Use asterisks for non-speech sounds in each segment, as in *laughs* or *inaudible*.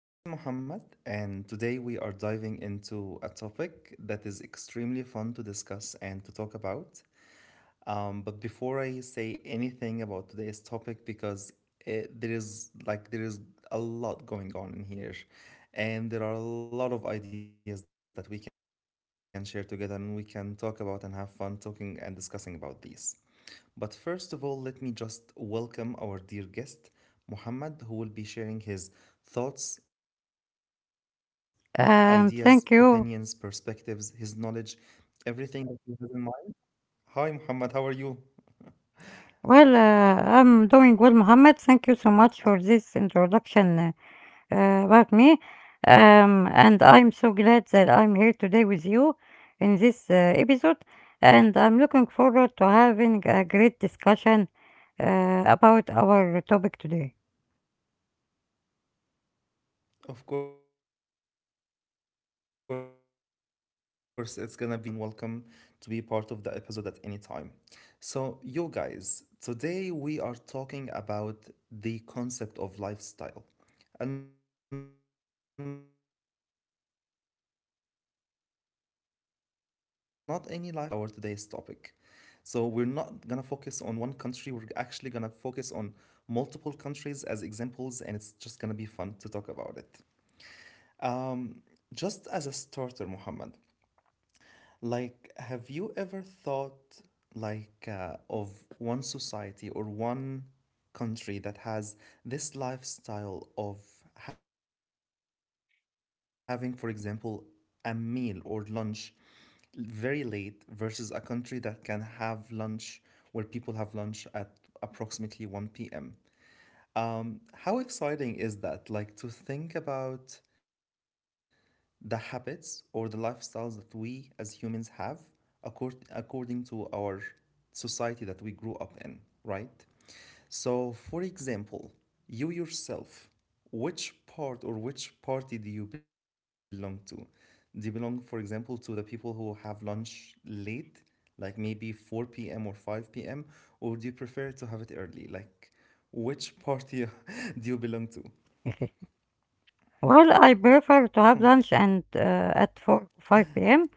This is Muhammad, and today we are diving into a topic that is extremely fun to discuss and to talk about. But before I say anything about today's topic, because it, there is like there is a lot going on in here, and there are a lot of ideas that we can share together and we can talk about and have fun talking and discussing about these. But first of all, let me just welcome our dear guest, Muhammad, who will be sharing his thoughts ideas, opinions, Thank perspectives, his you. knowledge, everything that he has in mind. Hi, Muhammad, how are you? Well, I'm doing well, Mohammed. Thank you Uh, so much for this introduction about me. And I'm so glad that I'm here today with you in this episode. And I'm looking forward to having a great discussion about our topic today. of course, it's gonna be a lot of fun. And of course, the pleasure is mine, Muhammad. You are more than welcome to be part of the episode at any time. So, you guys, today we are talking about the concept of lifestyle, and not any lifestyle, but global lifestyles and habits. This is our today's topic. So we're not gonna focus on one country, we're actually gonna focus on multiple countries as examples, and it's just gonna be fun to talk about it. Just as a starter, Muhammad, like, have you ever thought like of one society or one country that has this lifestyle of having, for example, a meal or lunch very late versus a country that can have lunch where people have lunch at approximately 1 p.m.? How exciting is that? Like to think about the habits or the lifestyles that we as humans have according to our society that we grew up in, right? So, for example, you yourself, which part or which party do you belong to? Do you belong, for example, to the people who have lunch late, like maybe 4 p.m. or 5 p.m., or do you prefer to have it early? Like, which party *laughs* do you belong to? *laughs* Well, I prefer to have lunch and at 4 5 p.m.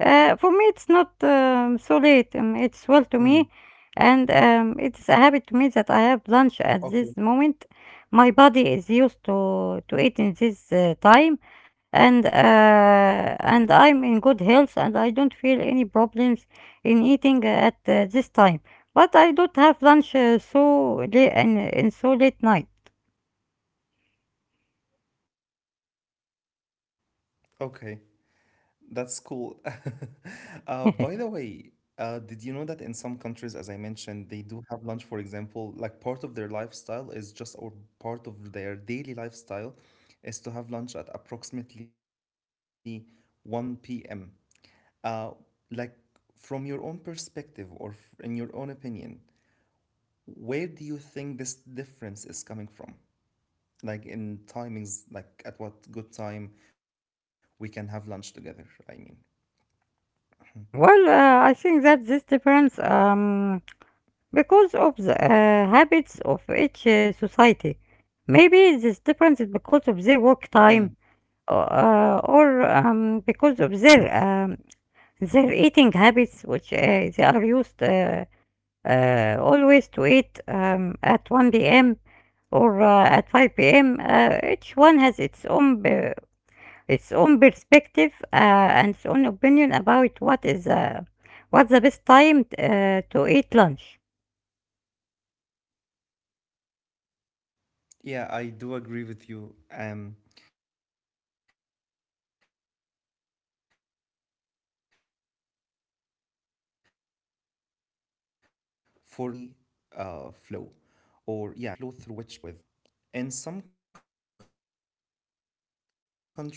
For me, it's not so Mm, late. It's well to me, and it's a habit to me that I okay, have lunch at this moment. My body is used to eating this time, and I'm in good health, and I don't feel any problems in eating at this time. But I don't have lunch so late and so late night. okay. That's cool. *laughs* By the way, did you know that in *laughs* some countries, as I mentioned, they do have lunch, for example, like part of their lifestyle is just, or part of their daily lifestyle is to have lunch at approximately 1 p.m.? Uh, like from your own perspective or in your own opinion, where do you think this difference is coming from? Like in timings, like at what good time we can have lunch together, I mean. Well, I think that this difference. Because of the habits of each society. Maybe this difference is because of their Hmm. work time or because of their eating habits, which they are used always to eat at 1 p.m. or at 5 p.m. Each one has its own perspective and its own opinion about what is what's the best time to eat lunch. Yeah, I do agree with you. For me though, I think it depends on the daily flow or yeah, the daily flow through which people can go with. So for instance, in some countries it's okay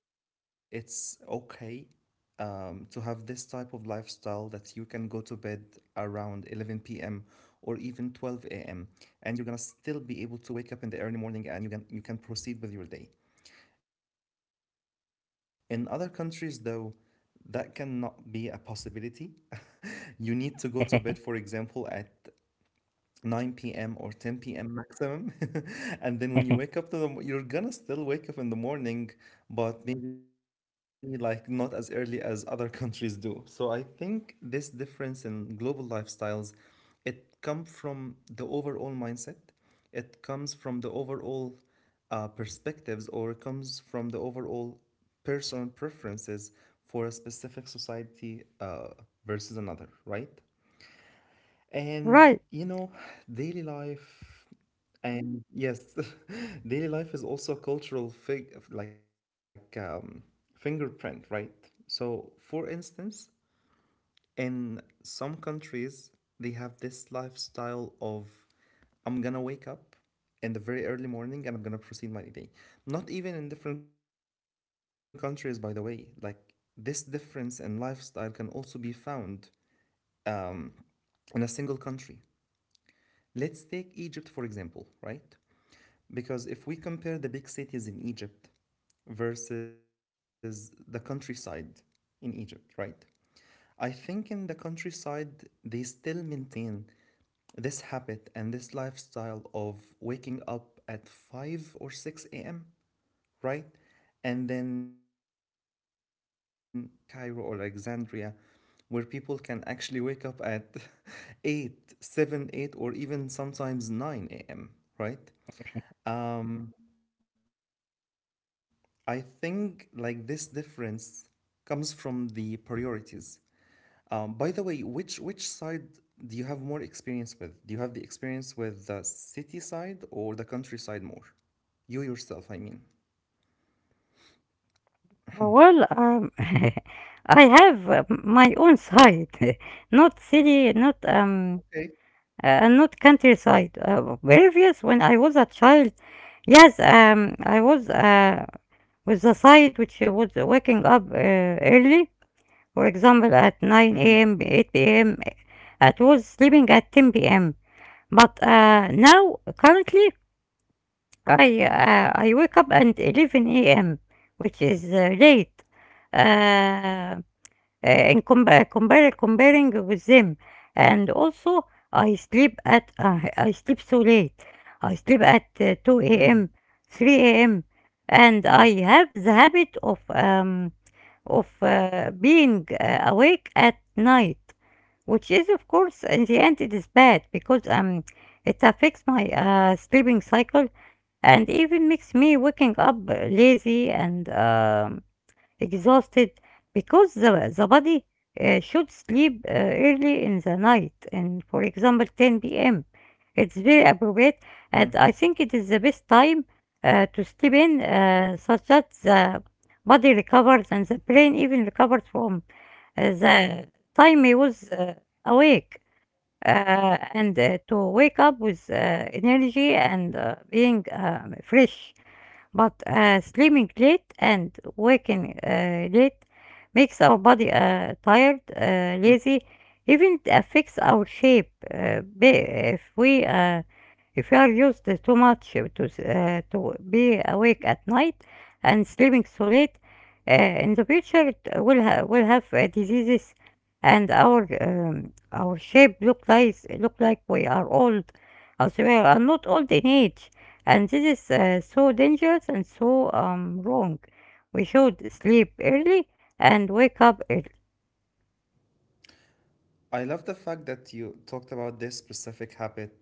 to have this type of lifestyle that you can go to bed around 11 p.m. or even 12 a.m. and you're gonna still be able to wake up in the early morning and you can proceed with your day. In other countries though, that cannot be a possibility. *laughs* You need to go to bed, for example, at 9 p.m. or 10 p.m. maximum. *laughs* And then when you wake up to you're gonna still wake up in the *laughs* morning, but maybe like not as early as other *laughs* countries do. So I think this difference in global lifestyles, it comes from the overall mindset. It comes from the overall perspectives or it comes from the overall personal preferences for a specific society versus another, right? And you know, *sighs* daily Right. life and yes, *laughs* daily life is also a cultural fig like fingerprint, right? So, for instance, in some countries, they have this lifestyle of I'm gonna wake up in the very early morning and I'm gonna proceed my day. Not even in different countries, by the way. Like this difference in lifestyle can also be found um, in a single country. Let's take Egypt for example, right? Because if we compare the big cities in Egypt versus the countryside in Egypt, right? I think in the countryside, they still maintain this habit and this lifestyle of waking up at 5 or 6 a.m., right? And then let's compare that to the big cities in Egypt like Cairo or Alexandria where people can actually wake up at *laughs* 8, 7, 8, or even sometimes 9 a.m. Right? I think like this difference comes from the priorities. By the way, which side do you have more experience with? Do you have the experience with the city side or the countryside more, you yourself I mean? Well, *laughs* I have my own side, *laughs* not city, Okay. not countryside. Previous when I was a child, yes, I was with the side which I was waking up early. For example, at 9 a.m., eight Mm, p.m. I was sleeping at 10 p.m. But now currently I wake up at 11 a.m., which is late, uh, in compa compar comparing with them, and also I sleep at I sleep so late. I sleep at 2 a.m., mm, 3 a.m., and I have mm, the habit of being awake at night, which is of course in the end it is bad because it affects my sleeping cycle and even makes me waking up lazy and exhausted, because the body should sleep early in the night, and for example 10 p.m. It's very appropriate, and I mm, think it is the best time to sleep in such that the body recovers and the brain even recovers from the time he was awake, and to wake up with energy and being fresh. But sleeping mm, late and waking late makes our body tired, lazy, even it affects our shape. If we uh, if we are used to too much to s- to be awake at night and sleeping so late, in the future it will have diseases, and our shape look like we are old, as we are not old in age. And this is so dangerous and so wrong. We should sleep mm. early and wake up early. I love the fact that you talked about this specific habit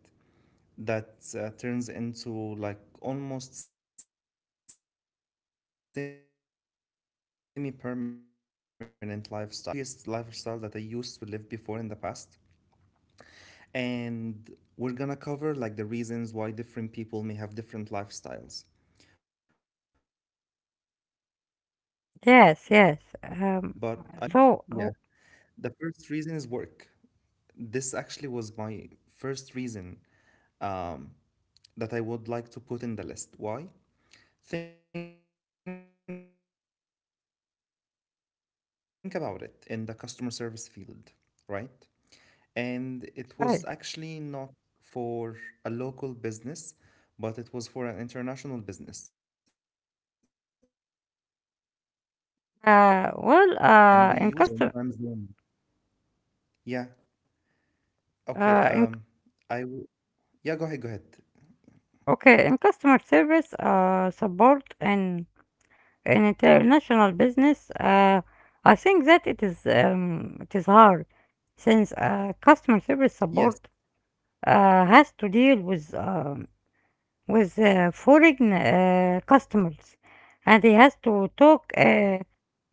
that turns into like almost semi permanent lifestyle, because you actually reminded me of a previous lifestyle that I used to live before in the past. And we're gonna cover like the reasons why different people may have different lifestyles. But I believe if I would like to Yes, cover yes. the first reason, yeah, so oh, the first reason is work. This actually was my first reason that I would like to put in the list. Why? Think about it. Before in the past, I used to work in the customer service field, right? And it was right. actually not for a local business, but it was for an international business. And we used to work based on well Eastern in time custom zone. Yeah. Okay. In I w- yeah, go ahead, go ahead. Okay, in customer service support, and in international business, I think that it is hard, since customer service Yes. support has to deal with foreign customers, and he has to talk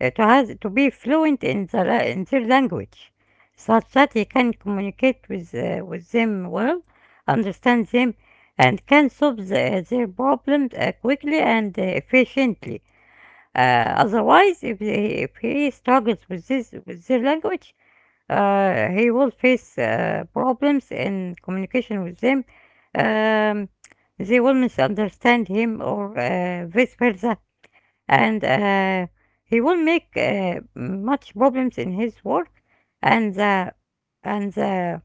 to has to be fluent in in their language, such that he can communicate with them well, understand them, and can solve their problems quickly and efficiently. Otherwise, if he struggles with this with their language, he will face problems in communication with them. Um, they will misunderstand him or vice versa, and he will make much problems in his work, and the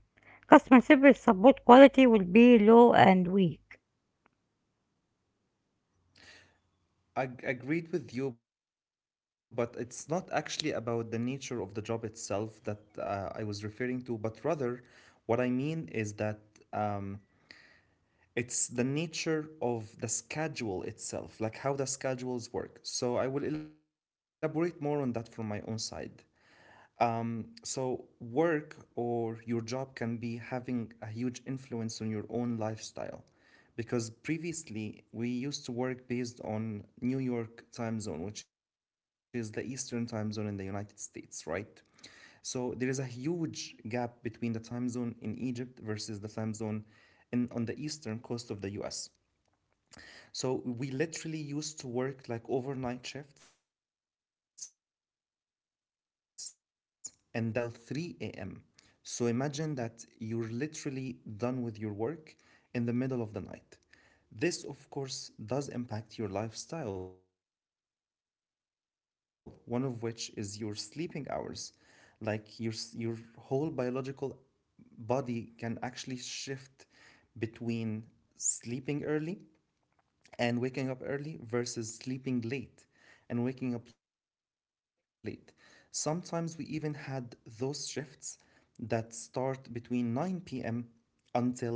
customer service support quality will be low and weak. Agreed with you, but it's not actually about the nature of the job itself that I was referring to, but rather what I mean is that um, it's the nature of the schedule itself, like how the schedules work. So I will elaborate more on that from my own side. So, work or your job can be having a huge influence on your own lifestyle. Because previously, we used to work based on New York time zone, which is the Eastern time zone in the United States, right? So, there is a huge gap between the time zone in Egypt versus the time zone in, on the Eastern coast of the US. So we literally used to work like overnight shifts, and that can be from like 7 p.m. Egypt time until 3 a.m. So imagine that you're literally done with your work in the middle of the night. This, of course, does impact your lifestyle, one of which is your sleeping hours. Like your whole biological body can actually shift between sleeping early and waking up early versus sleeping late and waking up late. Sometimes we even had those shifts that start between 9 p.m. until um,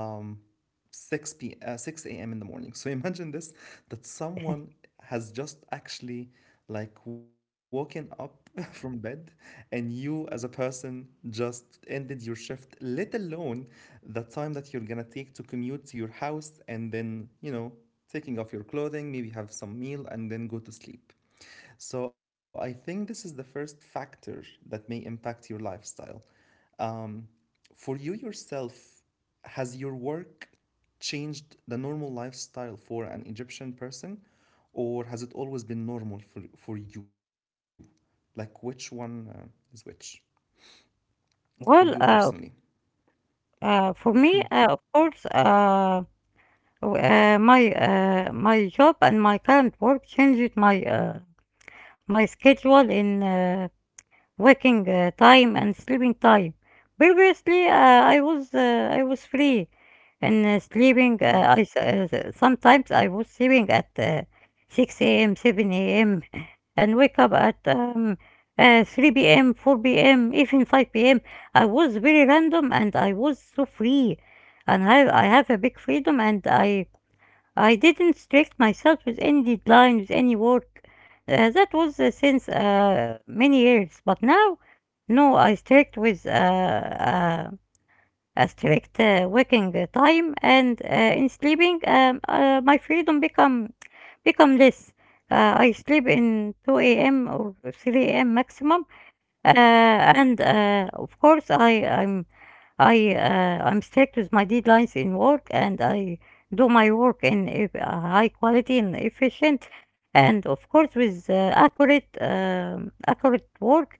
6 a.m in the morning. So imagine this, that someone has *laughs* just actually like woken up *laughs* from bed and you as a person just ended your shift, let alone the time that you're gonna take to commute to your house and then you know taking off your clothing maybe have some meal and then go to sleep. So I think this is the first factor that may impact your lifestyle for you yourself. Has your work changed the normal lifestyle for an Egyptian person, or has it always been normal for you? Like, which one is which for you personally? Well, for me, of course, my my job and my current work changed my my schedule in waking time and sleeping time. Previously, I was free in Mm. sleeping. Sometimes I was sleeping at 6 a.m., 7 a.m., *laughs* and wake up at 3 p.m., 4 p.m., even 5 p.m. I was very random and I was so free, and I have a big freedom, and I. I didn't strict myself with any deadline, with any work. That was since many years. But now, no, I strict with a strict working time, and in sleeping, my freedom become less. I sleep in 2 a.m. or 3 a.m. maximum, and of course, I'm strict with my deadlines in work, and I do my work in high quality and efficient, and of course with accurate work.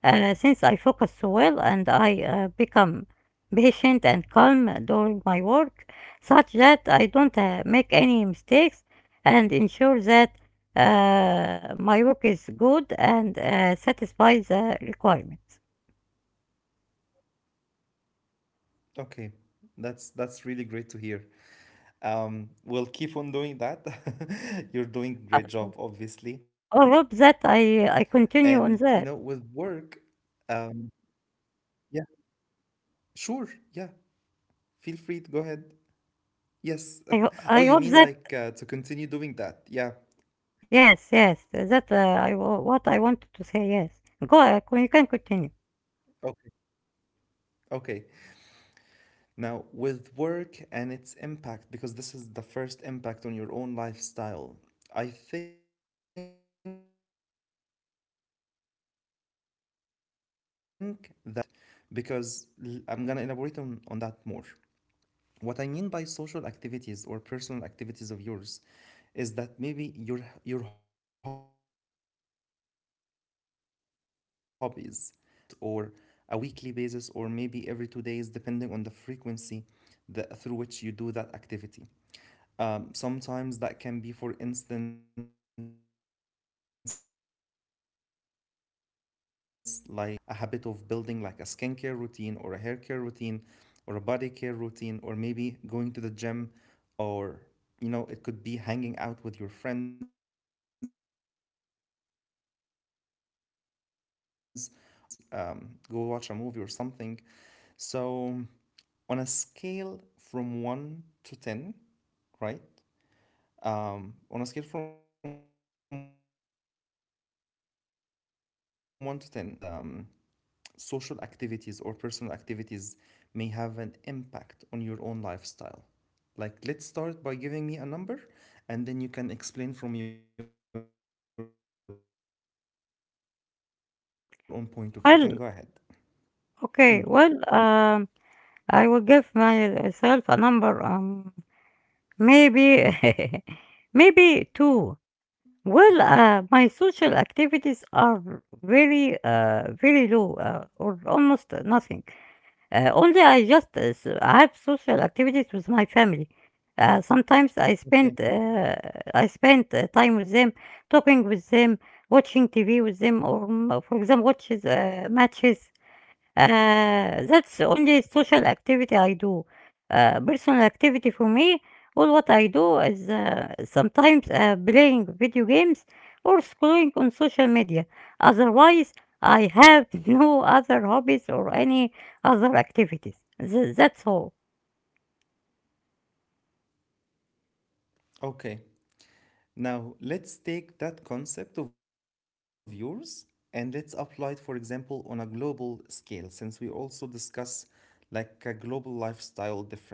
Since I focus so well and I become patient and calm during my work, such that I don't make any mistakes, and ensure that my work is good and satisfy the requirements. Okay, that's really great to hear. We'll keep on doing that. *laughs* You're doing Uh, a great job, obviously. I hope that And you I know, I with continue on work, that. um, yeah, sure, yeah. Feel free to go ahead. Yes. *laughs* Oh, you mean I like hope to that continue doing that? Yeah. yes, yes, that what I Yeah, yeah, wanted go. to say. Yes, Yeah. go. You can continue. Okay. Okay. Now, with work and its impact, because this is the first impact on your own lifestyle, I think that social activities may also impact your lifestyle, right? Because I'm gonna elaborate on that more. What I mean by social activities or personal activities of yours is that maybe your hobbies, things that you are used to do like on a daily basis or a weekly basis or maybe every 2 days depending on the frequency that, through which you do that activity. Sometimes that can be, for instance, like your evening ritual, or maybe a habit of building like a skincare routine, or a hair care routine, or a body care routine, or maybe going to the gym, or you know, it could be hanging out with your friends, or it could be like going to a coffee shop, or going to the movies, go watch a movie or something. So, on a scale from 1 to 10, right? On a scale from 1 to 10, to what extent do you believe that social activities or personal activities may have an impact on your own lifestyle? Like, let's start by giving me a number and then you can explain from your own point of view. You can go Well, ahead. Mm. okay. Well, I will give myself a number. Maybe, *laughs* maybe two. Well, my Oh, social activities are very, very low, or almost nothing. Only I just I have social activities with my family. Sometimes okay. I spend time with them, talking with them, watching TV with them, or mm, for example, watches matches. That's the only social activity I do. Personal activity for me, all what I do is sometimes playing video games, or scrolling on social media. Otherwise, I have *laughs* no other hobbies or any other activities. That's all. Okay. Now, let's take that concept of yours and let's apply it, for example, on a global scale, since we also discuss like a global lifestyle difference. Um,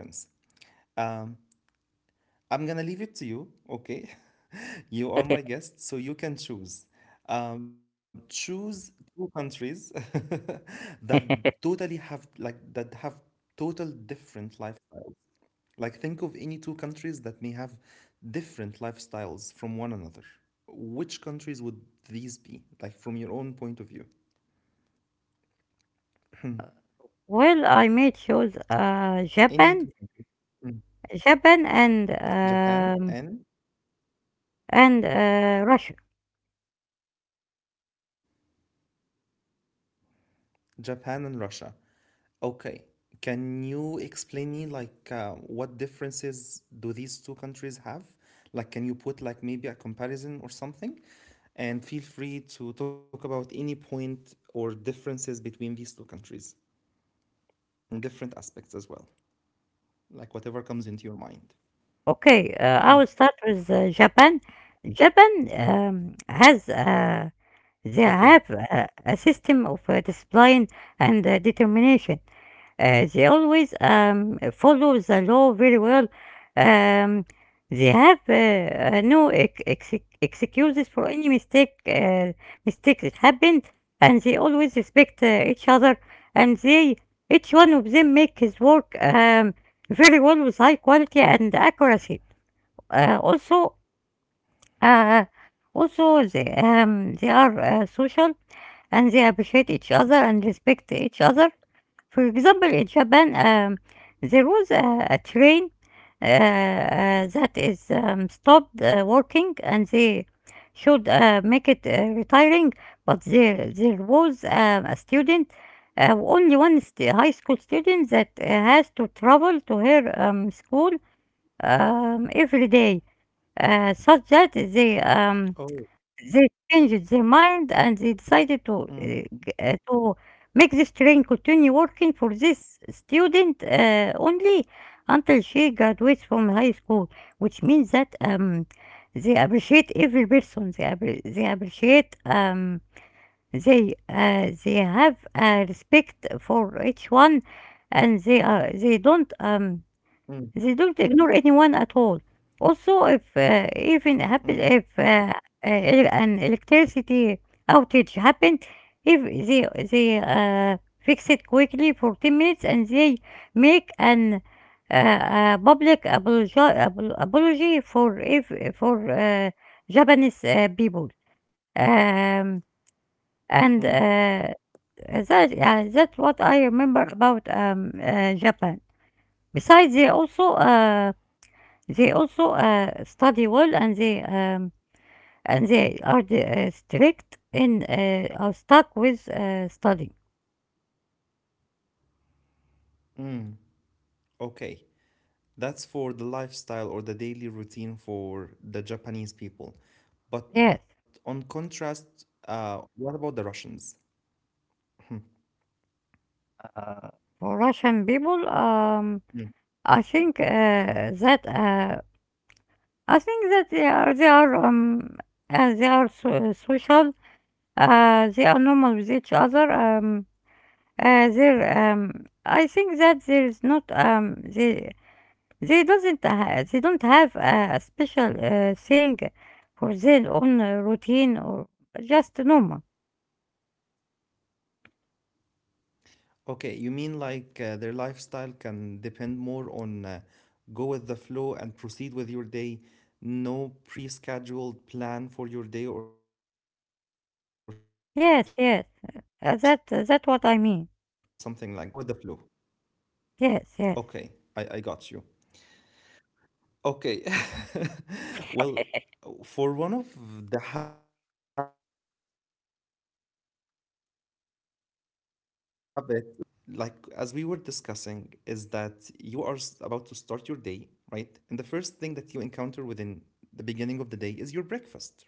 I'm gonna leave it to you, okay? *laughs* You are my guest, so you can choose. Choose two countries *laughs* that that have total *laughs* different lifestyles. Like, think of any two countries that may have different lifestyles from one another. Which countries would these be? Like, from your own point of view, Well, I made any shows two. Mm. Japan, Japan and and Russia. Japan and Russia. Okay. Can you explain me like what differences do these two countries have? Like, can you put like maybe a comparison or something? And feel free to talk about any point or differences between these two countries in different aspects as well. Like whatever comes into your mind. Okay, I will start with Japan. Japan Okay. has they have a system of discipline and determination. They always follow the law very well. Um, they have no excuses for any mistakes that happened, and they always respect each other. And they, each one of them, make his work very well with high quality and accuracy. Uh, also, uh, also they are social, and they appreciate each other and respect each other. For example, in Japan, there was a train that is stopped working, and they should make it retiring. But there was a student, only one high school student that has to travel to her school every day, uh, such that they Oh. um, they changed their mind Mm, and they decided to to make this train continue working for this student only until she graduates from high school, which means that they appreciate every person. They appreciate they have respect for each one, and mm, they don't ignore anyone at all. Also, if even mm, happen, if an electricity outage happened, if they fix it quickly for 10 minutes, and they make an public apology for if for Japanese people. Um, mm, and that That's what I remember about Japan. Besides, they also study well, and they are the, strict in are stuck with study. mm. Okay. That's for the lifestyle or the daily routine for the Japanese people. But Yes. on contrast, what about the Russians? Hmm, uh, for Russian people, mm. I think that I think that they are so, social. They are normal with each other. I think that there is not they doesn't ha they don't have a special, thing for their own routine, or just normal. Okay, you mean like their lifestyle can depend more on go with the flow and proceed with your day, no pre-scheduled plan for your day or something like that, right? Like you mean Yes, yes. Um, you That what basically I go with the mean. flow. Okay, I Yes, yes. got you. Okay. *laughs* Well, for one of the habits *laughs* for different countries as well, right? Like as we were discussing, is that you are about to start your day, right? And the first thing that you encounter within the beginning of the day is your breakfast, right?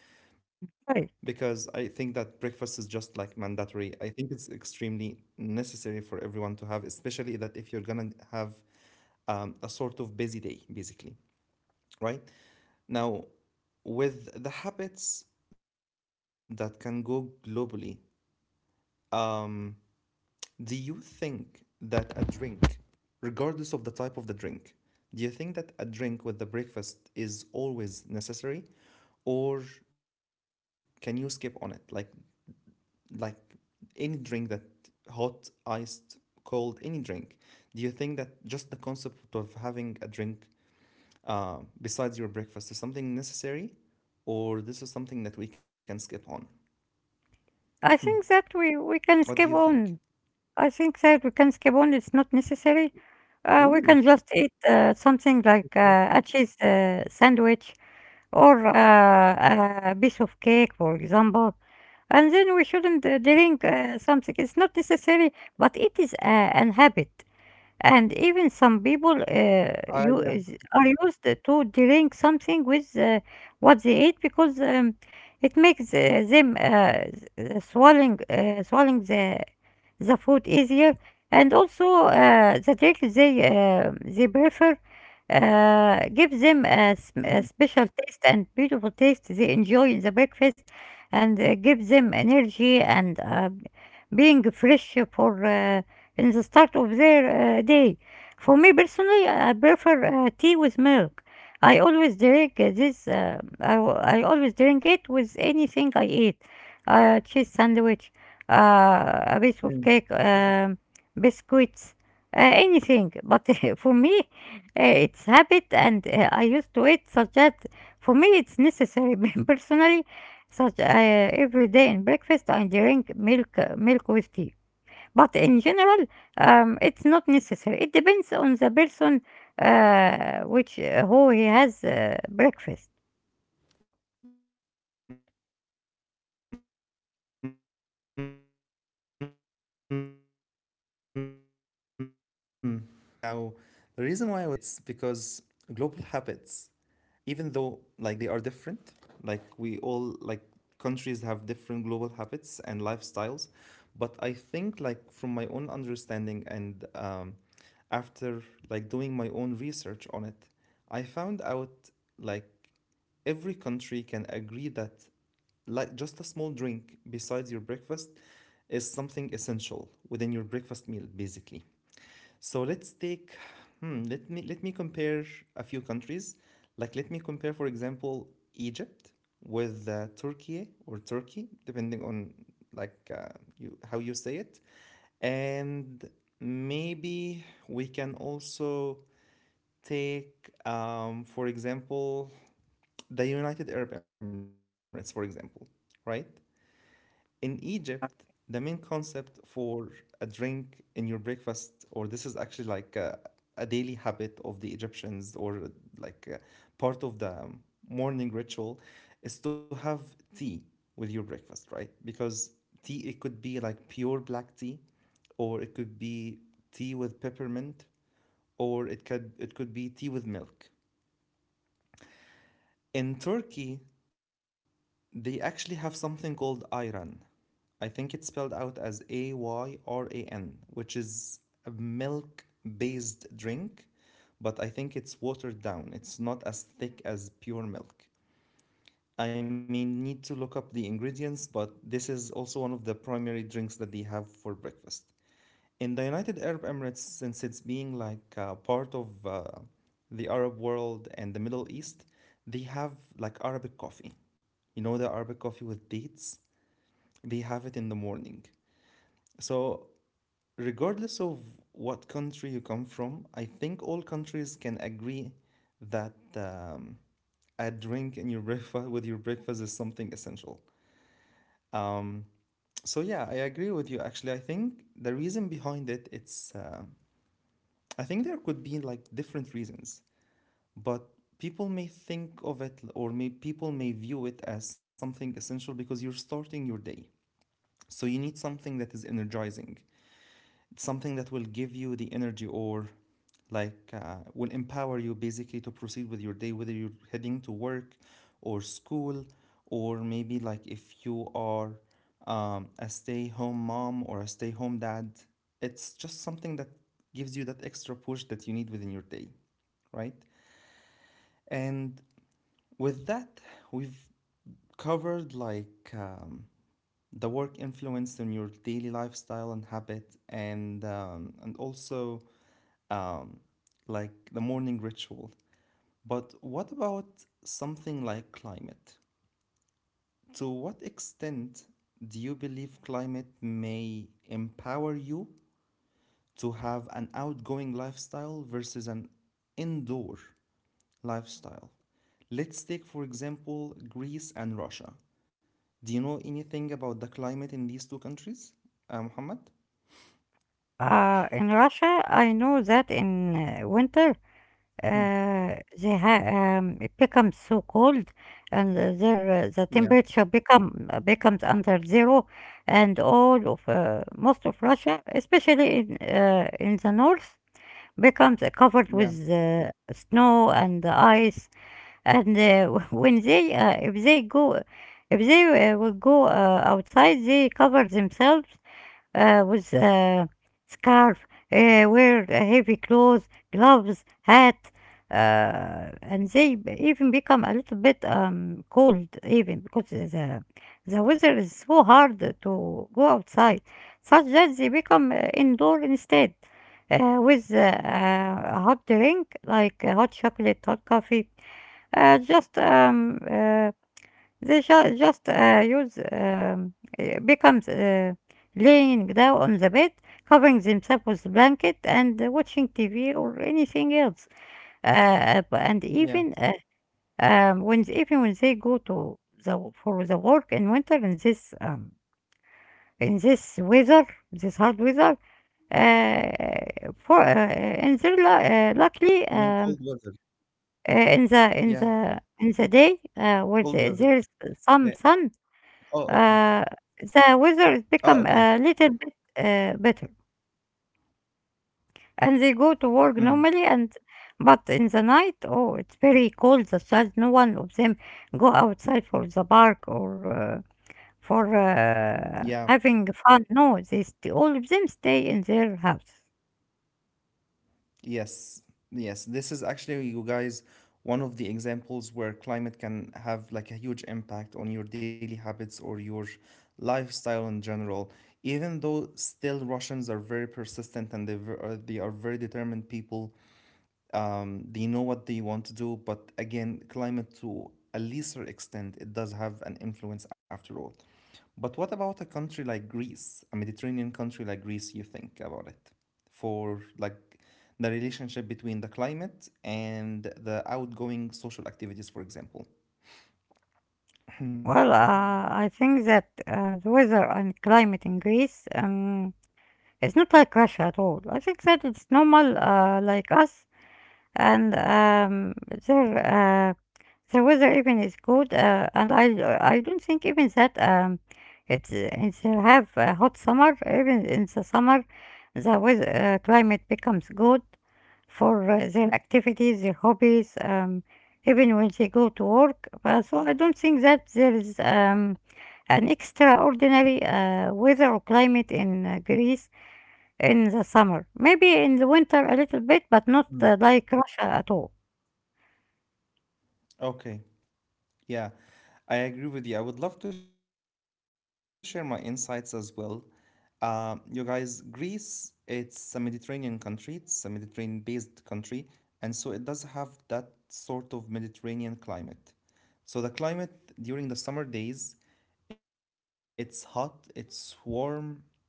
Because I think Right. that breakfast is just like mandatory. I think it's extremely necessary for everyone to have, especially that if you're gonna have a sort of busy day, basically, right? Now, with the habits that can go globally, um, do you think that a drink, regardless of the type of the drink, do you think that a drink with the breakfast is always necessary, or can you skip on it? Like any drink that hot, iced, cold, any drink, do you think that just the concept of having a drink besides your breakfast is something necessary, or this is something that we can skip on? I think that What do we you we think? can skip on. I think that we can skip on. It's not necessary. Really? We can just eat something like a cheese sandwich, or a piece of cake, for example. And then we shouldn't drink something. It's not necessary, but it is an habit, and even some people I are used to drink something with what they eat, because it makes them swallowing the food easier, and also the drink they prefer, gives them Mm, a special taste and beautiful taste they enjoy in the breakfast, and give them energy, and being fresh for in the start of their day. For me personally, I prefer tea with milk. I always drink this. I always drink it with anything I eat. Cheese sandwich, a piece of cake, biscuits, anything. But *laughs* for me, it's habit, and I used to eat such that for me it's necessary. *laughs* Personally, such every day in breakfast, I drink milk, milk with tea. But in general, it's not necessary. It depends on the person which who he has breakfast. mm, okay, that's really interesting. Now, the reason why I was asking it's because global habits, even though like they are different, like we all, like, countries have different global habits and lifestyles, but I think like from my own understanding and after like doing my own research on it, I found out like every country can agree that like just a small drink besides your breakfast is something essential within your breakfast meal basically. So let's take, hmm, let me compare a few countries. Like let me compare, for example, Egypt with Turkey or Turkey, depending on like you how you say it, and maybe we can also take, for example, the United Arab Emirates, for example, right? In Egypt, the main concept for a drink in your breakfast, or this is actually like a daily habit of the Egyptians, or like part of the morning ritual, is to have tea with your breakfast, right? Because tea, it could be like pure black tea, or it could be tea with peppermint, or it could be tea with milk. In Turkey, they actually have something called ayran. I think it's spelled out as Ayran, which is a milk based drink, but I think it's watered down. It's not as thick as pure milk. I may need to look up the ingredients, but this is also one of the primary drinks that they have for breakfast. In the United Arab Emirates, since it's being like part of the Arab world and the Middle East, they have like Arabic coffee. You know the Arabic coffee with dates? They have it in the morning. So, regardless of what country you come from, I think all countries can agree that a drink in your *laughs* breakfast with your breakfast is something essential. Um, so yeah, I agree with you. Actually, I think the reason behind it, it's I think there could be like different reasons, but people may think of it, or may people may view it as something essential because you're starting your day. So you need something that is energizing, something that will give you the energy, or like will empower you basically to proceed with your day, whether you're heading to work or school, or maybe like if you are a stay-home mom or a stay-home dad. It's just something that gives you that extra push that you need within your day, right? And with that, we've covered like the work influence on your daily lifestyle and habit, and also um, like the morning ritual. But what about something like climate? To what extent do you believe climate may empower you to have an outgoing lifestyle versus an indoor lifestyle? Let's take, for example, Greece and Russia. Do you know anything about the climate in these two countries, Muhammad? In Russia, I know that in winter Mm. uh, it becomes so cold, and the Yeah, temperature becomes under zero, and all of most of Russia, especially in the north, becomes covered yeah, with snow and ice, and *laughs* when they if they go if they will go outside, they cover themselves with a scarf, wear heavy clothes, gloves, hat, and even become a little bit cold, even because the weather is so hard to go outside, such that they become indoor instead. With a hot drink like hot chocolate, hot coffee, just they ju just, use, becomes laying down on the bed, covering themselves with a blanket, and watching TV or anything else. Uh, b- and yeah. even when even when they go to the for the work in winter in this weather, this hard weather, for in their luckily, You mean cold weather? In the in Yeah, the in the day where cold weather. there's some Yeah. Oh, sun, okay. uh, the Oh, okay. weather is become a little bit better, and they go to work Mm, normally. And but in the night, oh, it's very cold. The child, no, one of them go outside for the park, or for yeah, having fun. No, all of them stay in their house. yes, yes. This is actually, you guys, one of the examples where climate can have like a huge impact on your daily habits or your lifestyle in general. Even though still Russians are very persistent and they are very determined people, they know what they want to do, but again climate, to a lesser extent, it does have an influence after all. But what about a country like Greece, a Mediterranean country like Greece? You think about it for like the relationship between the climate and the outgoing social activities, for example. Well, I think that the weather and climate in Greece is not like Russia at all. I think that it's normal, like us, and their uh, the weather even is mm, good. And I don't think even mm, that it's have a okay. hot summer. Even in the summer, the weather climate becomes good for their activities, their hobbies. Even when they go to work, so I don't think that there is an extraordinary weather or climate in Greece in the summer. Maybe in the winter a little bit, but Mm. not like Russia at all. Okay. Yeah, I agree with you. I would love to share my insights as well. You guys, Greece, it's a Mediterranean country, it's a Mediterranean-based country, and so it does have that sort of Mediterranean climate. So the climate during the summer days, it's hot, it's warm,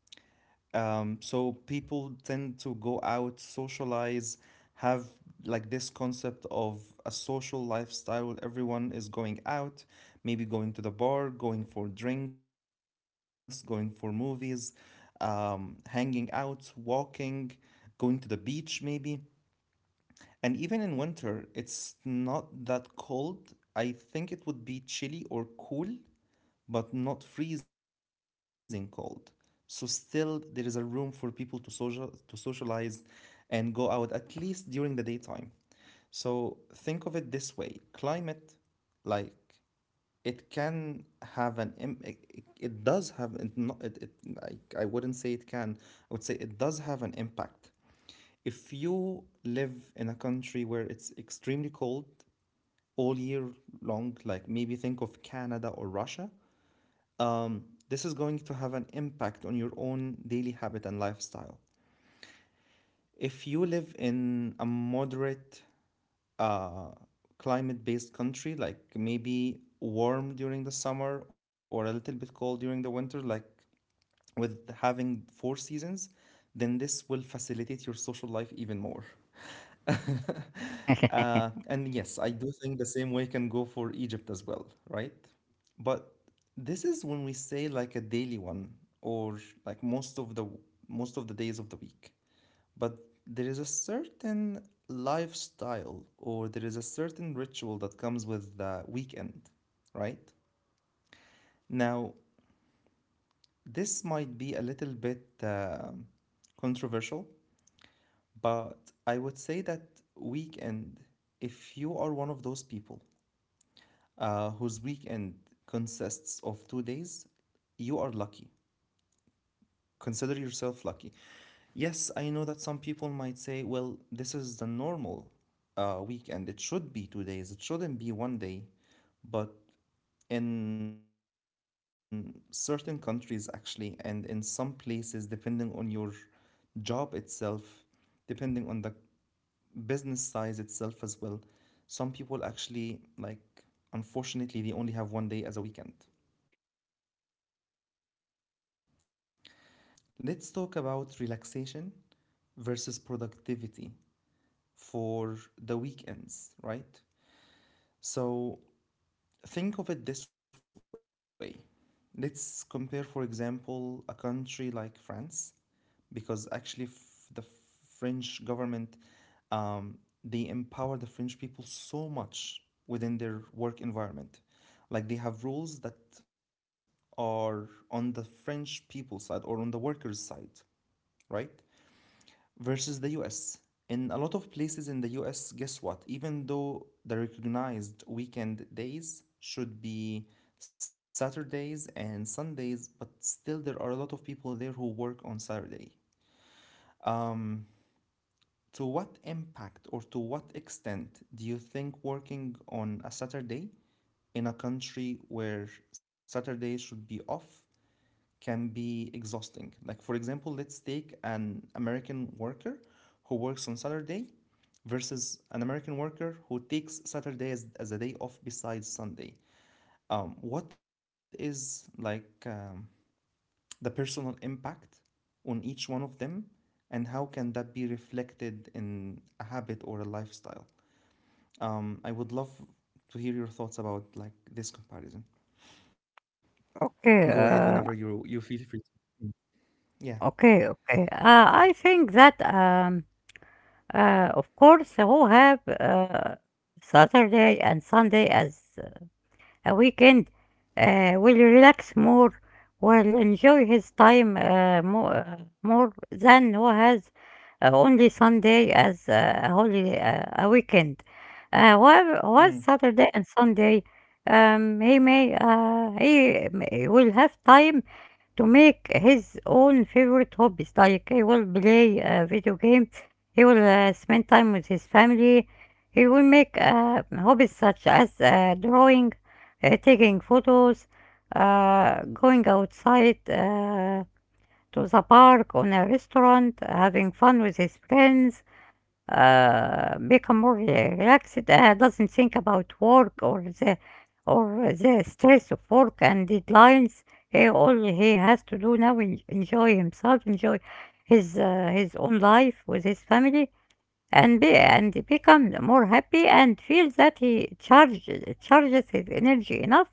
so people tend to go out, socialize, have like this concept of a social lifestyle. Everyone is going out, maybe going to the bar, going for drinks, going for movies, hanging out, walking, going to the beach, maybe. And even in winter, it's not that cold. I think it would be chilly or cool but not freezing cold. So still there is a room for people to socialize and go out at least during the daytime. So think of it this way, climate, like, it can it does have it, not, it, like, I wouldn't say it can, I would say it does have an impact. If you live in a country where it's extremely cold all year long, like maybe think of Canada or Russia, this is going to have an impact on your own daily habit and lifestyle. If you live in a moderate uh, climate based country, like maybe warm during the summer or a little bit cold during the winter, like with having four seasons, then this will facilitate your social life even more. *laughs* *laughs* And yes, I do think the same way can go for Egypt as well, right? But this is when we say like a daily one or like most of the days of the week. But there is a certain lifestyle or there is a certain ritual that comes with the weekend, right? Now, this might be a little bit controversial, but I would say that weekend, if you are one of those people whose weekend consists of 2 days, you are lucky. Consider yourself lucky. Yes, I know that some people might say, well, this is the normal weekend. It should be 2 days, it shouldn't be one day. But in certain countries, actually, and in some places, depending on your job itself, depending on the business size itself as well, some people actually, like, unfortunately, they only have one day as a weekend. Um, so, Muhammad, let's talk about relaxation versus productivity for the weekends, right? So, think of it this way. Let's compare, for example, a country like France, because actually the French government, um, they empower the French people so much within their work environment. Like they have rules that are on the French people side or on the workers' side, right? Versus the US. In a lot of places in the US, guess what? Even though the recognized weekend days should be Saturdays and Sundays, but still there are a lot of people there who work on Saturday. Um, to what impact or to what extent do you think working on a Saturday in a country where Saturdays should be off can be exhausting. Like, for example, let's take an American worker who works on Saturday versus an American worker who takes Saturday as a day off besides Sunday. What is the personal impact on each one of them, and how can that be reflected in a habit or a lifestyle? I would love to hear your thoughts about like this comparison. Go ahead Okay, whenever uh, you feel free. Mm. Yeah. Okay. I think that, of course, who have Saturday and Sunday as a weekend will relax more, will enjoy his time more, more than who has only Sunday as a weekend. While Mm. Saturday and Sunday, he may will have time to make his own favorite hobbies. Like he will play video games, he will spend time with his family, he will make hobbies such as drawing, taking photos, going outside. To the park, on a restaurant, having fun with his friends, relaxed, doesn't think about work or the stress of work and deadlines. He all he has to do now is enjoy himself, enjoy his own life with his family, and be and becomes more happy, and feels that he charges his energy enough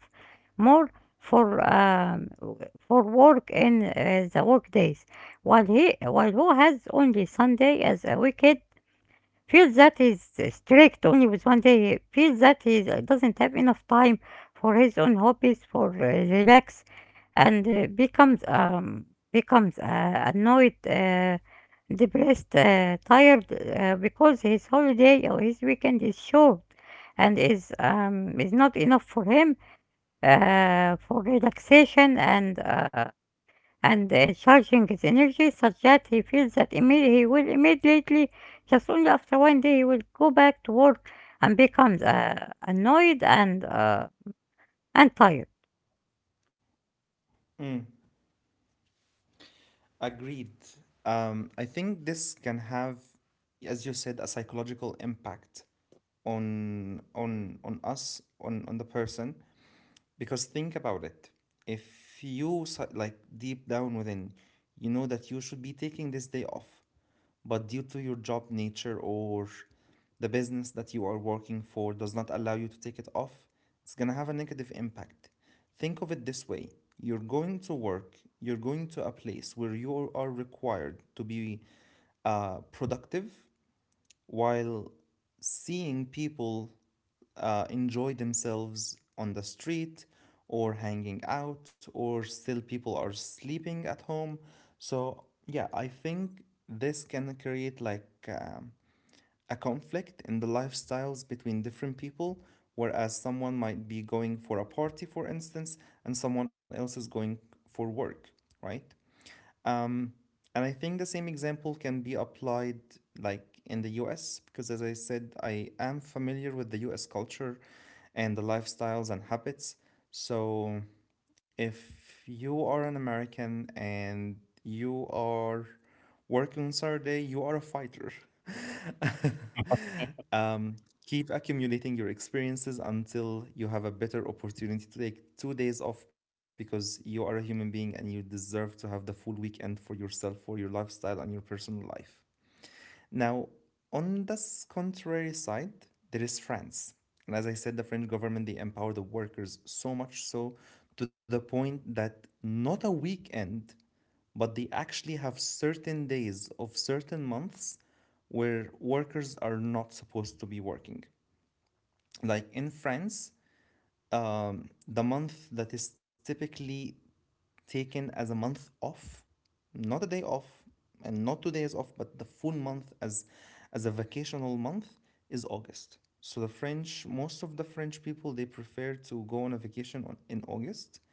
more for for work in the work days, while he while who has only Sunday as a weekend feel that is strict only with one day. Feels that he doesn't have enough time for his own hobbies, for relax, and becomes becomes annoyed, depressed, tired because his holiday or his weekend is short, and is not enough for him for relaxation. And charging his energy, such that he feels that he will immediately, just only after one day, he will go back to work and becomes annoyed, and tired. Mm. Agreed. I think this can have, as you said, a psychological impact on us, on the person. Because think about it. If like deep down within, you know that you should be taking this day off, but due to your job nature or the business that you are working for does not allow you to take it off, it's going to have a negative impact. Think of it this way, you're going to work, you're going to a place where you are required to be productive while seeing people enjoy themselves on the street or hanging out, or still people are sleeping at home. So, yeah, I think this can create like a conflict in the lifestyles between different people, whereas someone might be going for a party, for instance, and someone else is going for work, right? Um, and I think the same example can be applied like in the US, because as I said, I am familiar with the US culture and the lifestyles and habits. So if you are an American and you are working on Saturday, you are a fighter. Keep accumulating your experiences until you have a better opportunity to take 2 days off, because you are a human being and you deserve to have the full weekend for yourself, for your lifestyle, and your personal life. Now, on this contrary side, there is France. And as I said, the French government, they empower the workers so much, so to the point that not a weekend, but they actually have certain days of certain months where workers are not supposed to be working. Like in France, the month that is typically taken as a month off, not a day off, and not 2 days off, but the full month as a vacational month is August. So the French, most of the French people, they prefer to go on a vacation in August.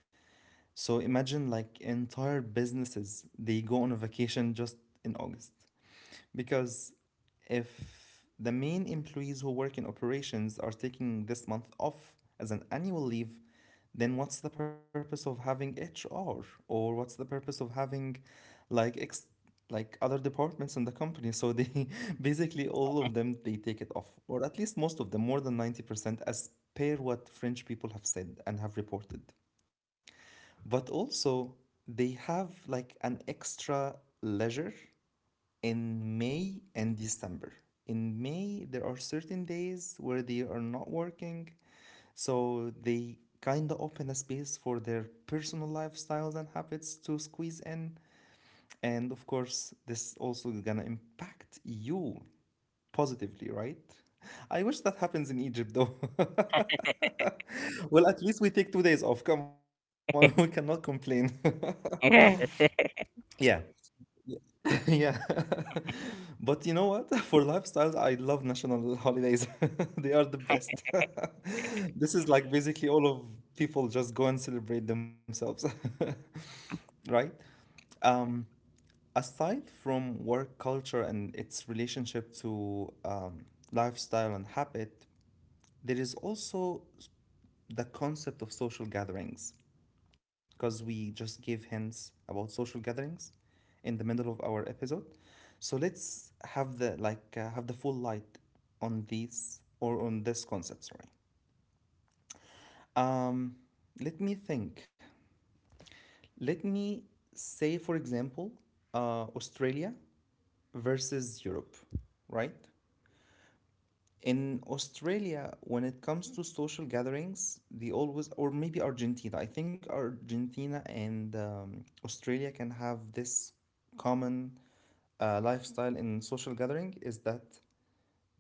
So imagine like entire businesses, they go on a vacation just in August. Because if the main employees who work in operations are taking this month off as an annual leave, then what's the purpose of having HR, or what's the purpose of having like ex- like other departments in the company? So they *laughs* basically all of them they take it off, or at least most of them, more than 90%, as per what French people have said and have reported. But also they have like an extra leisure in May and December. In May, there are certain days where they are not working, so they kind of open a space for their personal lifestyles and habits to squeeze in. And of course, this also is gonna impact you positively, right? I wish that happens in Egypt though. *laughs* Well, at least we take 2 days off. Come on, *laughs* we cannot complain. Yes. *laughs* *laughs* Yeah. *laughs* Yeah. *laughs* But you know what? *laughs* For lifestyles, I love national holidays. *laughs* They are the best. *laughs* This is like basically all of people just go and celebrate themselves, *laughs* right? Um, aside from work culture and its relationship to lifestyle and habit, there is also the concept of social gatherings, because we just gave hints about social gatherings in the middle of our episode. So let's have the full light on these, or on this concept. Sorry. Um, let me think. Let me say, for example, Australia versus Europe, right? In Australia, when it comes to social gatherings, they always, or maybe Argentina, I think Argentina and Australia can have this common lifestyle in social gathering, is that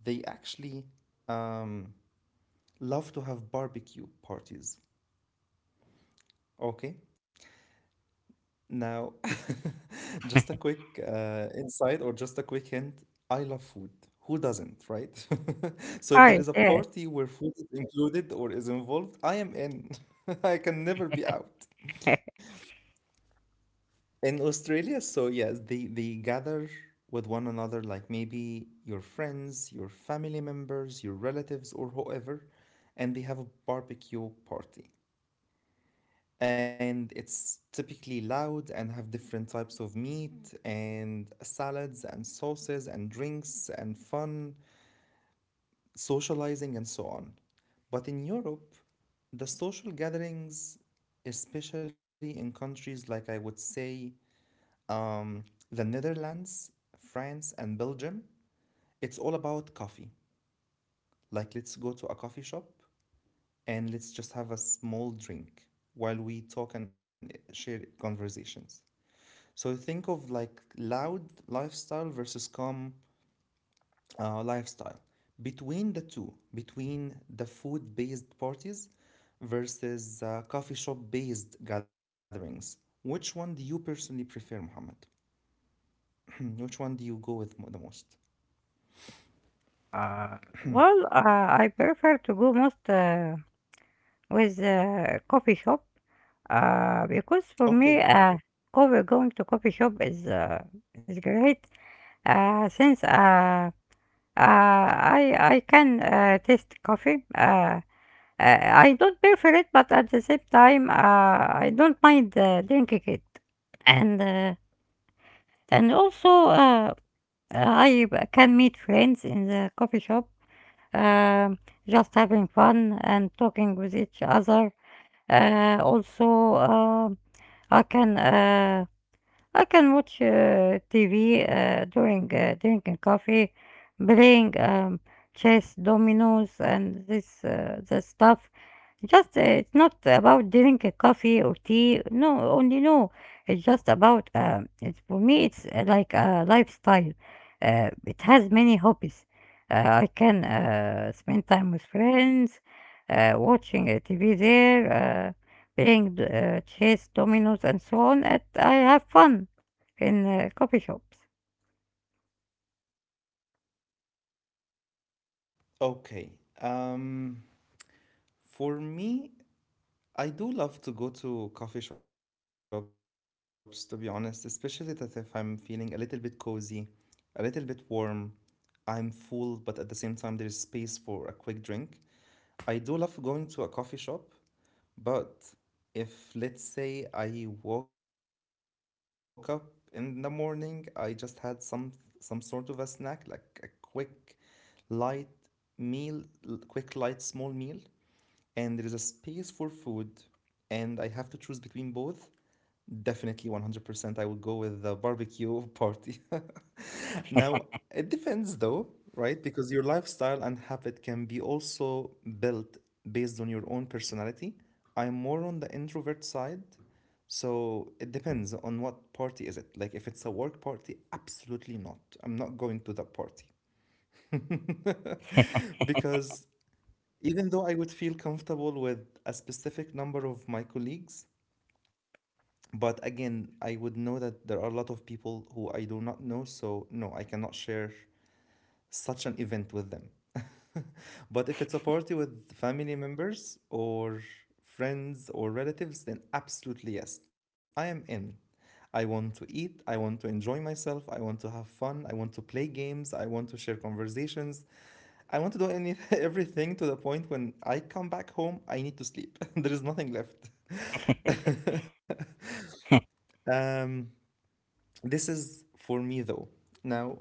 they actually um, love to have barbecue parties. Okay? Now, *laughs* just a quick insight, or just a quick hint. I love food. Who doesn't, right? *laughs* So if there Tired, is a yes. party where food is included or is involved, I am in. *laughs* I can never be out. *laughs* In Australia, so yes, they gather with one another, like maybe your friends, your family members, your relatives, or whoever, and they have a barbecue party. And it's typically loud, and have different types of meat and salads and sauces and drinks and fun, socializing and so on. But in Europe, the social gatherings, especially in countries like, I would say, um, the Netherlands, France, and Belgium, it's all about coffee. Like, let's go to a coffee shop and let's just have a small drink while we talk and share conversations. So think of like loud lifestyle versus calm lifestyle. Between the two, between the food based parties versus coffee shop based gatherings, which one do you personally prefer, Mohammed? *clears throat* Which one do you go with the most? Well, I prefer to go most with coffee shop, because Okay, for me, coffee, going to coffee shop is great, since I can taste coffee. I don't prefer it, but at the same time, I don't mind drinking it. And uh, and also, I can meet friends in the coffee shop, um, just having fun and talking with each other. Also, I can uh, I can watch TV during drinking coffee, playing chess, dominoes, and this the stuff. Just it's not about drinking coffee or tea. No, only no. It's just about it's for me. It's like a lifestyle. It has many hobbies. I can spend time with friends, watching TV there. Playing chess, dominoes, and so on. And I have fun in coffee shops. okay. Um, for me, I do love to go to coffee shops, to be honest, especially that if I'm feeling a little bit cozy, a little bit warm, I'm full, but at the same time, there is space for a quick drink. I do love going to a coffee shop, but if let's say I woke up in the morning, I just had some sort of a snack, like a quick light meal, quick light small meal, and there is a space for food, and I have to choose between both. Definitely 100% I will go with the barbecue *laughs* party. *laughs* Now, it depends though, right? Because your lifestyle and habit can be also built based on your own personality. I'm more on the introvert side, so it depends on what party is it. Like if it's a work party, absolutely not. I'm not going to that party. *laughs* Because even though I would feel comfortable with a specific number of my colleagues, but again, I would know that there are a lot of people who I do not know, so no, I cannot share such an event with them. *laughs* But if it's a party with family members or friends or relatives, then absolutely yes, I am in. I want to eat, I want to enjoy myself, I want to have fun, I want to play games, I want to share conversations. I want to do any *laughs* everything to the point when I come back home, I need to sleep. *laughs* There is nothing left. Um, this is for me though. Now,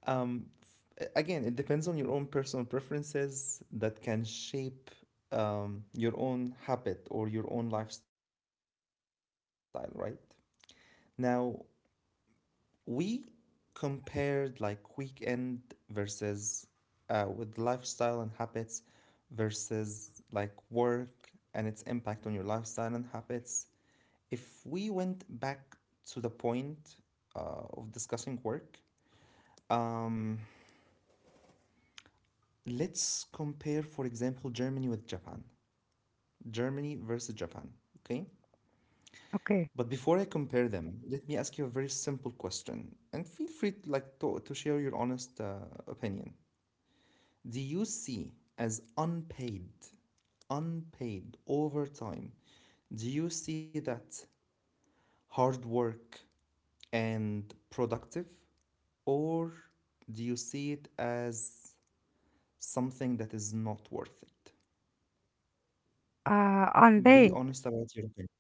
Um, f- again, it depends on your own personal preferences that can shape your own habit or your own lifestyle, right? Now, we compared like weekend versus, with lifestyle and habits, versus like work and its impact on your lifestyle and habits. If we went back to the point of discussing work, um, let's compare, for example, Germany with Japan. Germany versus Japan, okay? Okay. But before I compare them, let me ask you a very simple question, and feel free to, to share your honest opinion. Do you see as unpaid overtime? Do you see that hard work and productive, or do you see it as something that is not worth it? Be Unpaid. honest about your opinion.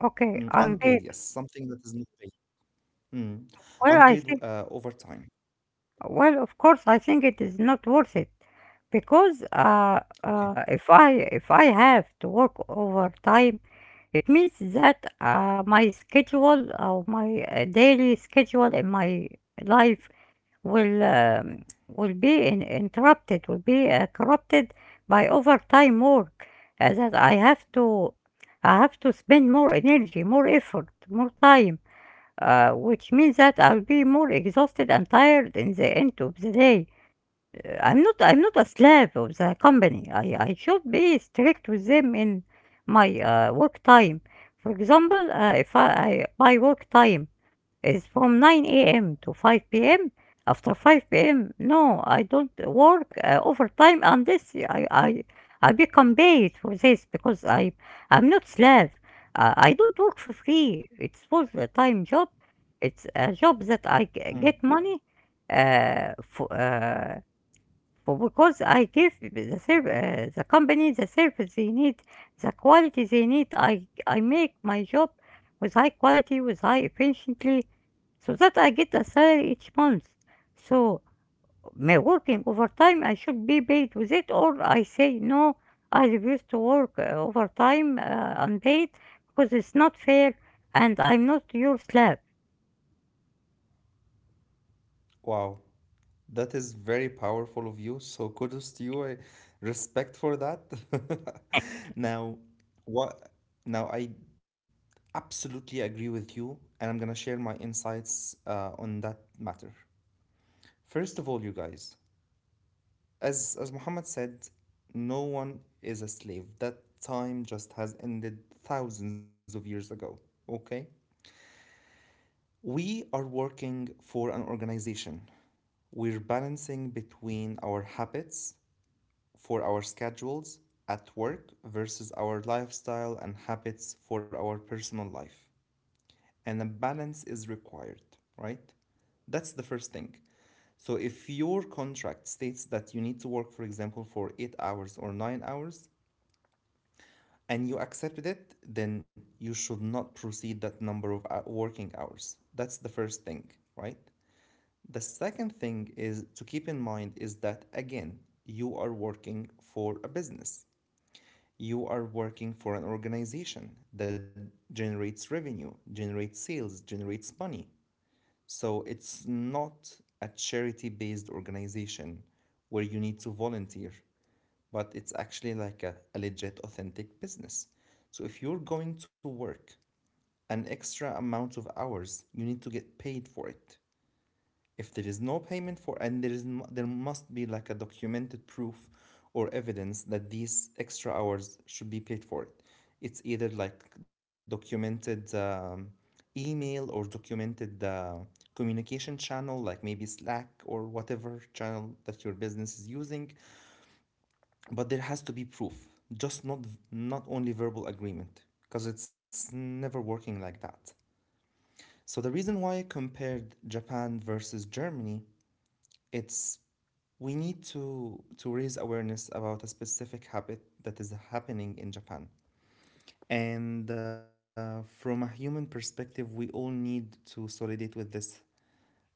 Okay, Mm, unpaid. unpaid, yes, something that is not paid. Mm, Well, I unpaid see overtime. well, of course, I think it is not worth it, because Okay. If I have to work overtime, it means that my schedule or my daily schedule in my life will be in, interrupted, will be corrupted by overtime work. That I have to spend more energy, more effort, more time, which means that I'll be more exhausted and tired in the end of the day. I'm not a slave of the company. I should be strict with them in my work time. For example, if I, I by work time it's from 9 a.m. to 5 p.m. After 5 p.m., no, I don't work overtime unless I, I become paid for this, because I I'm not slave. I don't work for free. It's full-time job. It's a job that Mm, get money uh, for, uh, for because I give the company the service they need, the quality they need. I make my job with high quality, with high efficiency, so that I get a salary each month. So my working overtime, I should be paid with it, or I say no, I refuse to work overtime unpaid, because it's not fair, and I'm not your slave. wow, that is very powerful of you. So kudos to you. I respect for that. *laughs* Now, what? Now I absolutely agree with you, and I'm gonna share my insights on that matter. First of all, you guys, as Muhammad said, no one is a slave. That time just has ended thousands of years ago. Okay? We are working for an organization. We're balancing between our habits for our schedules at work versus our lifestyle and habits for our personal life. And a balance is required, right? That's the first thing. So if your contract states that you need to work, for example, for 8 hours or 9 hours, and you accepted it, then you should not proceed that number of working hours. That's the first thing, right? The second thing is to keep in mind is that, again, you are working for a business. You are working for an organization that generates revenue, generates sales, generates money. So it's not a charity based organization where you need to volunteer, but it's actually like a legit, authentic business. So if you're going to work an extra amount of hours, you need to get paid for it. If there is no payment for, and there is, there must be like a documented proof or evidence that these extra hours should be paid for it. It's either like documented email or documented communication channel, like maybe Slack or whatever channel that your business is using. But there has to be proof, just not only verbal agreement, because it's never working like that. So the reason why I compared Japan versus Germany, it's we need to raise awareness about a specific habit that is happening in Japan. And from a human perspective, we all need to solidate with this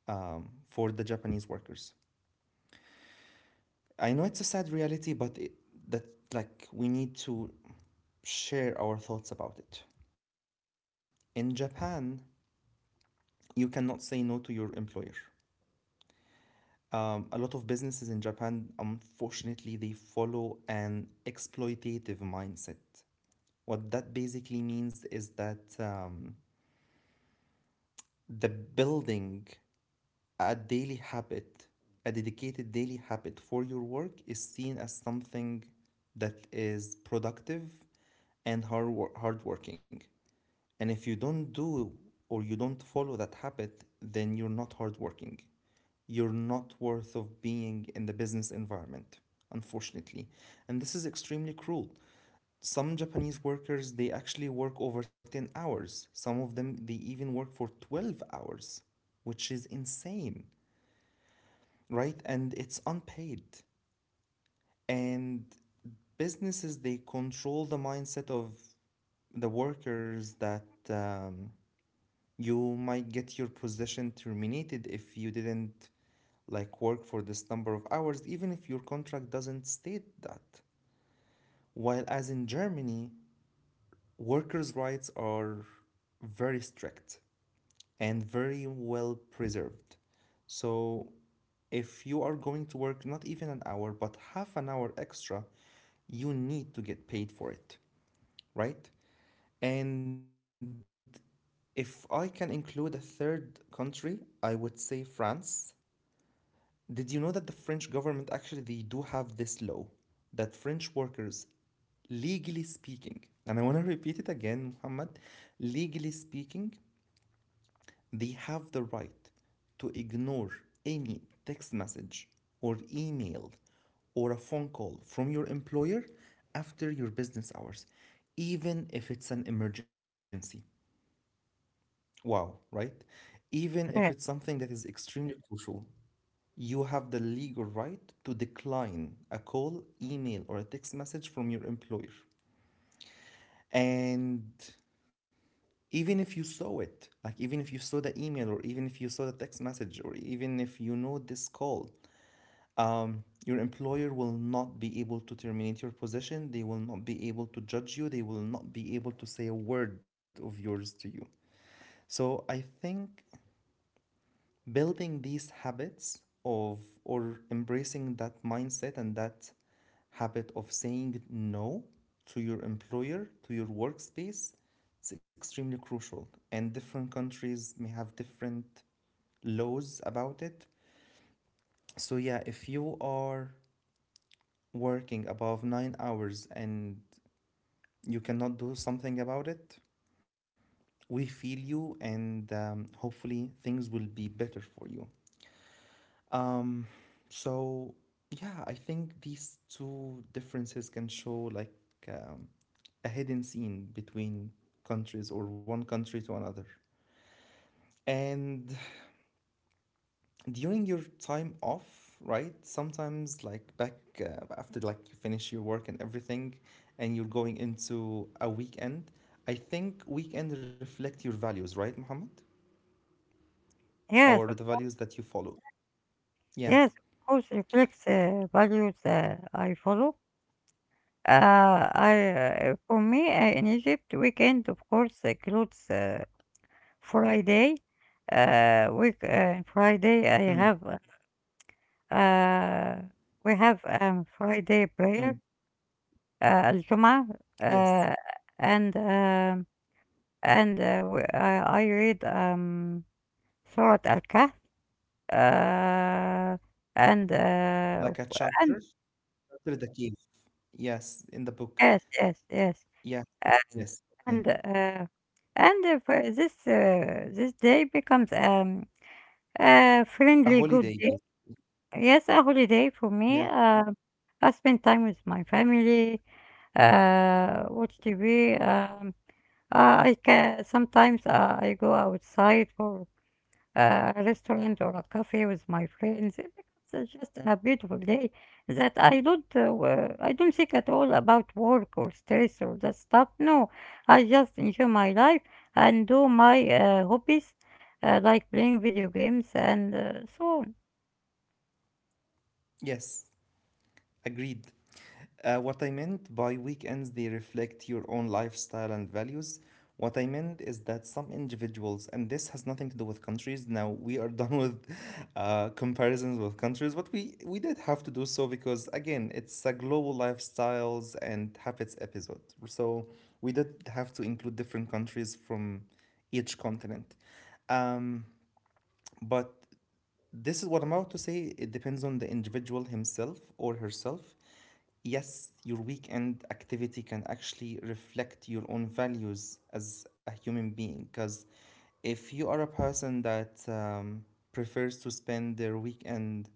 for the Japanese workers. I know it's a sad reality, but it, that like we need to share our thoughts about it. In Japan, you cannot say no to your employer. A lot of businesses in Japan, unfortunately, they follow an exploitative mindset. What that basically means is that the building a daily habit, a dedicated daily habit for your work is seen as something that is productive and hardworking. And if you don't do or you don't follow that habit, then you're not hardworking. You're not worth of being in the business environment, unfortunately. And this is extremely cruel. Some Japanese workers they actually work over 10 hours. Some of them they even work for 12 hours, which is insane, right? And it's unpaid. And businesses they control the mindset of the workers that, you might get your position terminated if you didn't like work for this number of hours, even if your contract doesn't state that. While as in Germany, workers' rights are very strict and very well preserved. So, if you are going to work not even an hour but half an hour extra, you need to get paid for it, right? And if I can include a third country, I would say France. Did you know that the French government actually they do have this law that French workers, legally speaking, and I want to repeat it again, Muhammad, legally speaking, they have the right to ignore any text message or email or a phone call from your employer after your business hours, even if it's an emergency. Wow, right? Even if it's Uh, something that is extremely crucial, you have the legal right to decline a call, email, or a text message from your employer. And even if you saw it, like even if you saw the email or even if you saw the text message or even if you know this call, your employer will not be able to terminate your position, they will not be able to judge you, they will not be able to say a word of yours to you. So I think building these habits of or embracing that mindset and that habit of saying no to your employer, to your workspace, it's extremely crucial, and different countries may have different laws about it. So yeah, if you are working above 9 hours and you cannot do something about it, we feel you, and hopefully things will be better for you. Um, so yeah, I think these two differences can show like, um, a hidden scene between countries or one country to another. And during your time off, right? Sometimes like back after like you finish your work and everything, and you're going into a weekend. I think weekend reflect your values, right, Mohammed? yes, Or of the course, values that you follow. Yeah. yes, of course, reflects values I follow. I for me in Egypt, weekend of course includes Friday. Week Mm, Friday I have Uh, we have Friday mm. prayer, الجمعة, Yes. uh, and um, and we, I read Surah Al-Kahf, uh, and Like uh, a chapter, and chapter the key. Yes, in the book. yes, yes, yes, Yeah. uh, Yes. Okay. and uh, and for this this day becomes a A friendly good holiday, day. yes. Yes, a holiday for me. Yeah. I spend time with my family, watch TV. I can sometimes I go outside for a restaurant or a cafe with my friends. It becomes just a beautiful day that I don't I don't think at all about work or stress or that stuff. No, I just enjoy my life and do my hobbies like playing video games and so on. Yes. Agreed. What I meant by weekends, they reflect your own lifestyle and values. What I meant is that some individuals, and this has nothing to do with countries. Now we are *laughs* done with comparisons with countries, but we did have to do so because again, it's a global lifestyles and habits episode. So we did have to include different countries from each continent. Um, But this is what I'm about to say. It depends on the individual himself or herself. Yes, your weekend activity can actually reflect your own values as a human being. Because if you are a person that, prefers to spend their weekend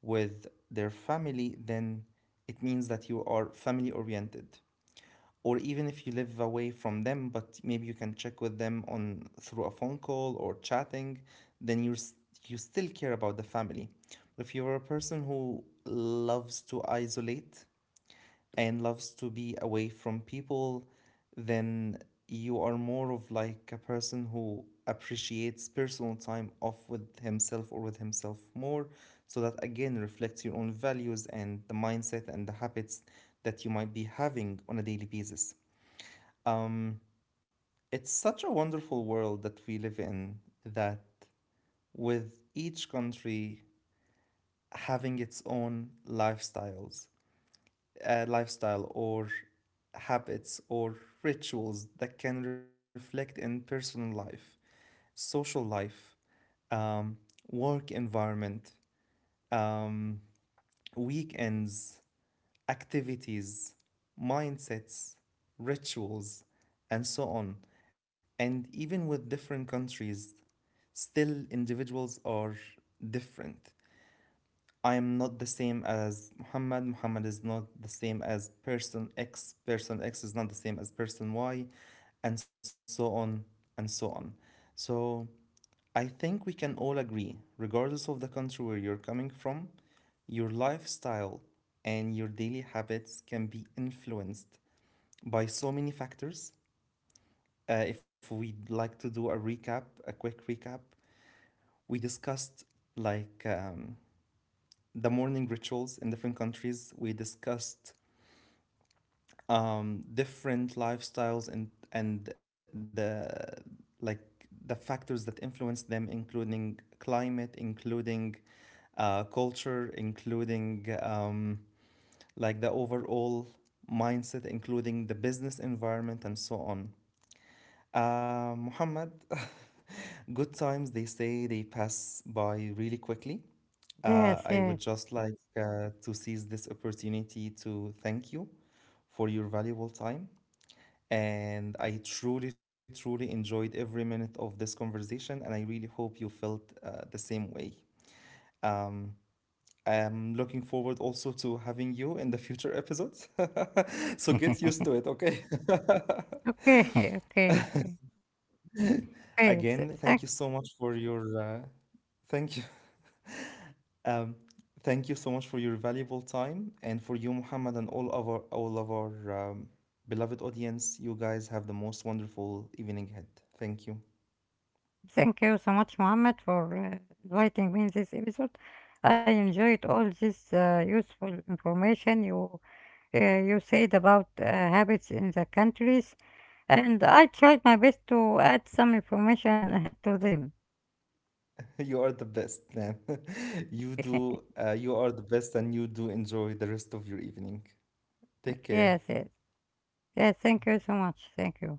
with their family, then it means that you are family oriented, or even if you live away from them but maybe you can check with them on through a phone call or chatting, then you still care about the family. If you're a person who loves to isolate and loves to be away from people, then you are more of like a person who appreciates personal time off with himself or with himself more. So that again reflects your own values and the mindset and the habits that you might be having on a daily basis. um, it's such a wonderful world that we live in, that with each country having its own lifestyles, lifestyle or habits or rituals that can reflect in personal life, social life, um, work environment, um, weekends, activities, mindsets, rituals, and so on. And even with different countries, still, individuals are different. I am not the same as Muhammad. Muhammad is not the same as person X. Person X is not the same as person Y, and so on and so on. So, I think we can all agree, regardless of the country where you're coming from, your lifestyle and your daily habits can be influenced by so many factors. If we'd like to do a recap, a quick recap, we discussed like, the morning rituals in different countries. We discussed different lifestyles and the like the factors that influence them, including climate, including culture, including like the overall mindset, including the business environment, and so on. Muhammad, *laughs* good times, they say they pass by really quickly. Yes, I would yes. just like to seize this opportunity to thank you for your valuable time. And I truly, truly enjoyed every minute of this conversation, and I really hope you felt the same way. I'm looking forward also to having you in the future episodes. *laughs* So get used to *laughs* it, okay? *laughs* Okay, okay, okay. Okay, Again, th- thank you thank, so much for your thank you Um, thank you so much for your valuable time and for you, Muhammad, and all of our beloved audience. You guys have the most wonderful evening ahead. Thank you. thank you so much, Mohammed, for inviting me in this episode. I enjoyed all this useful information you uh, you said about habits in the countries, and I tried my best to add some information *laughs* to them. *laughs* You are the best, man. *laughs* *laughs* You Yes, do. You are the best, and you do enjoy the rest of your evening. Take care. yes, yes. Thank you so much. Thank you.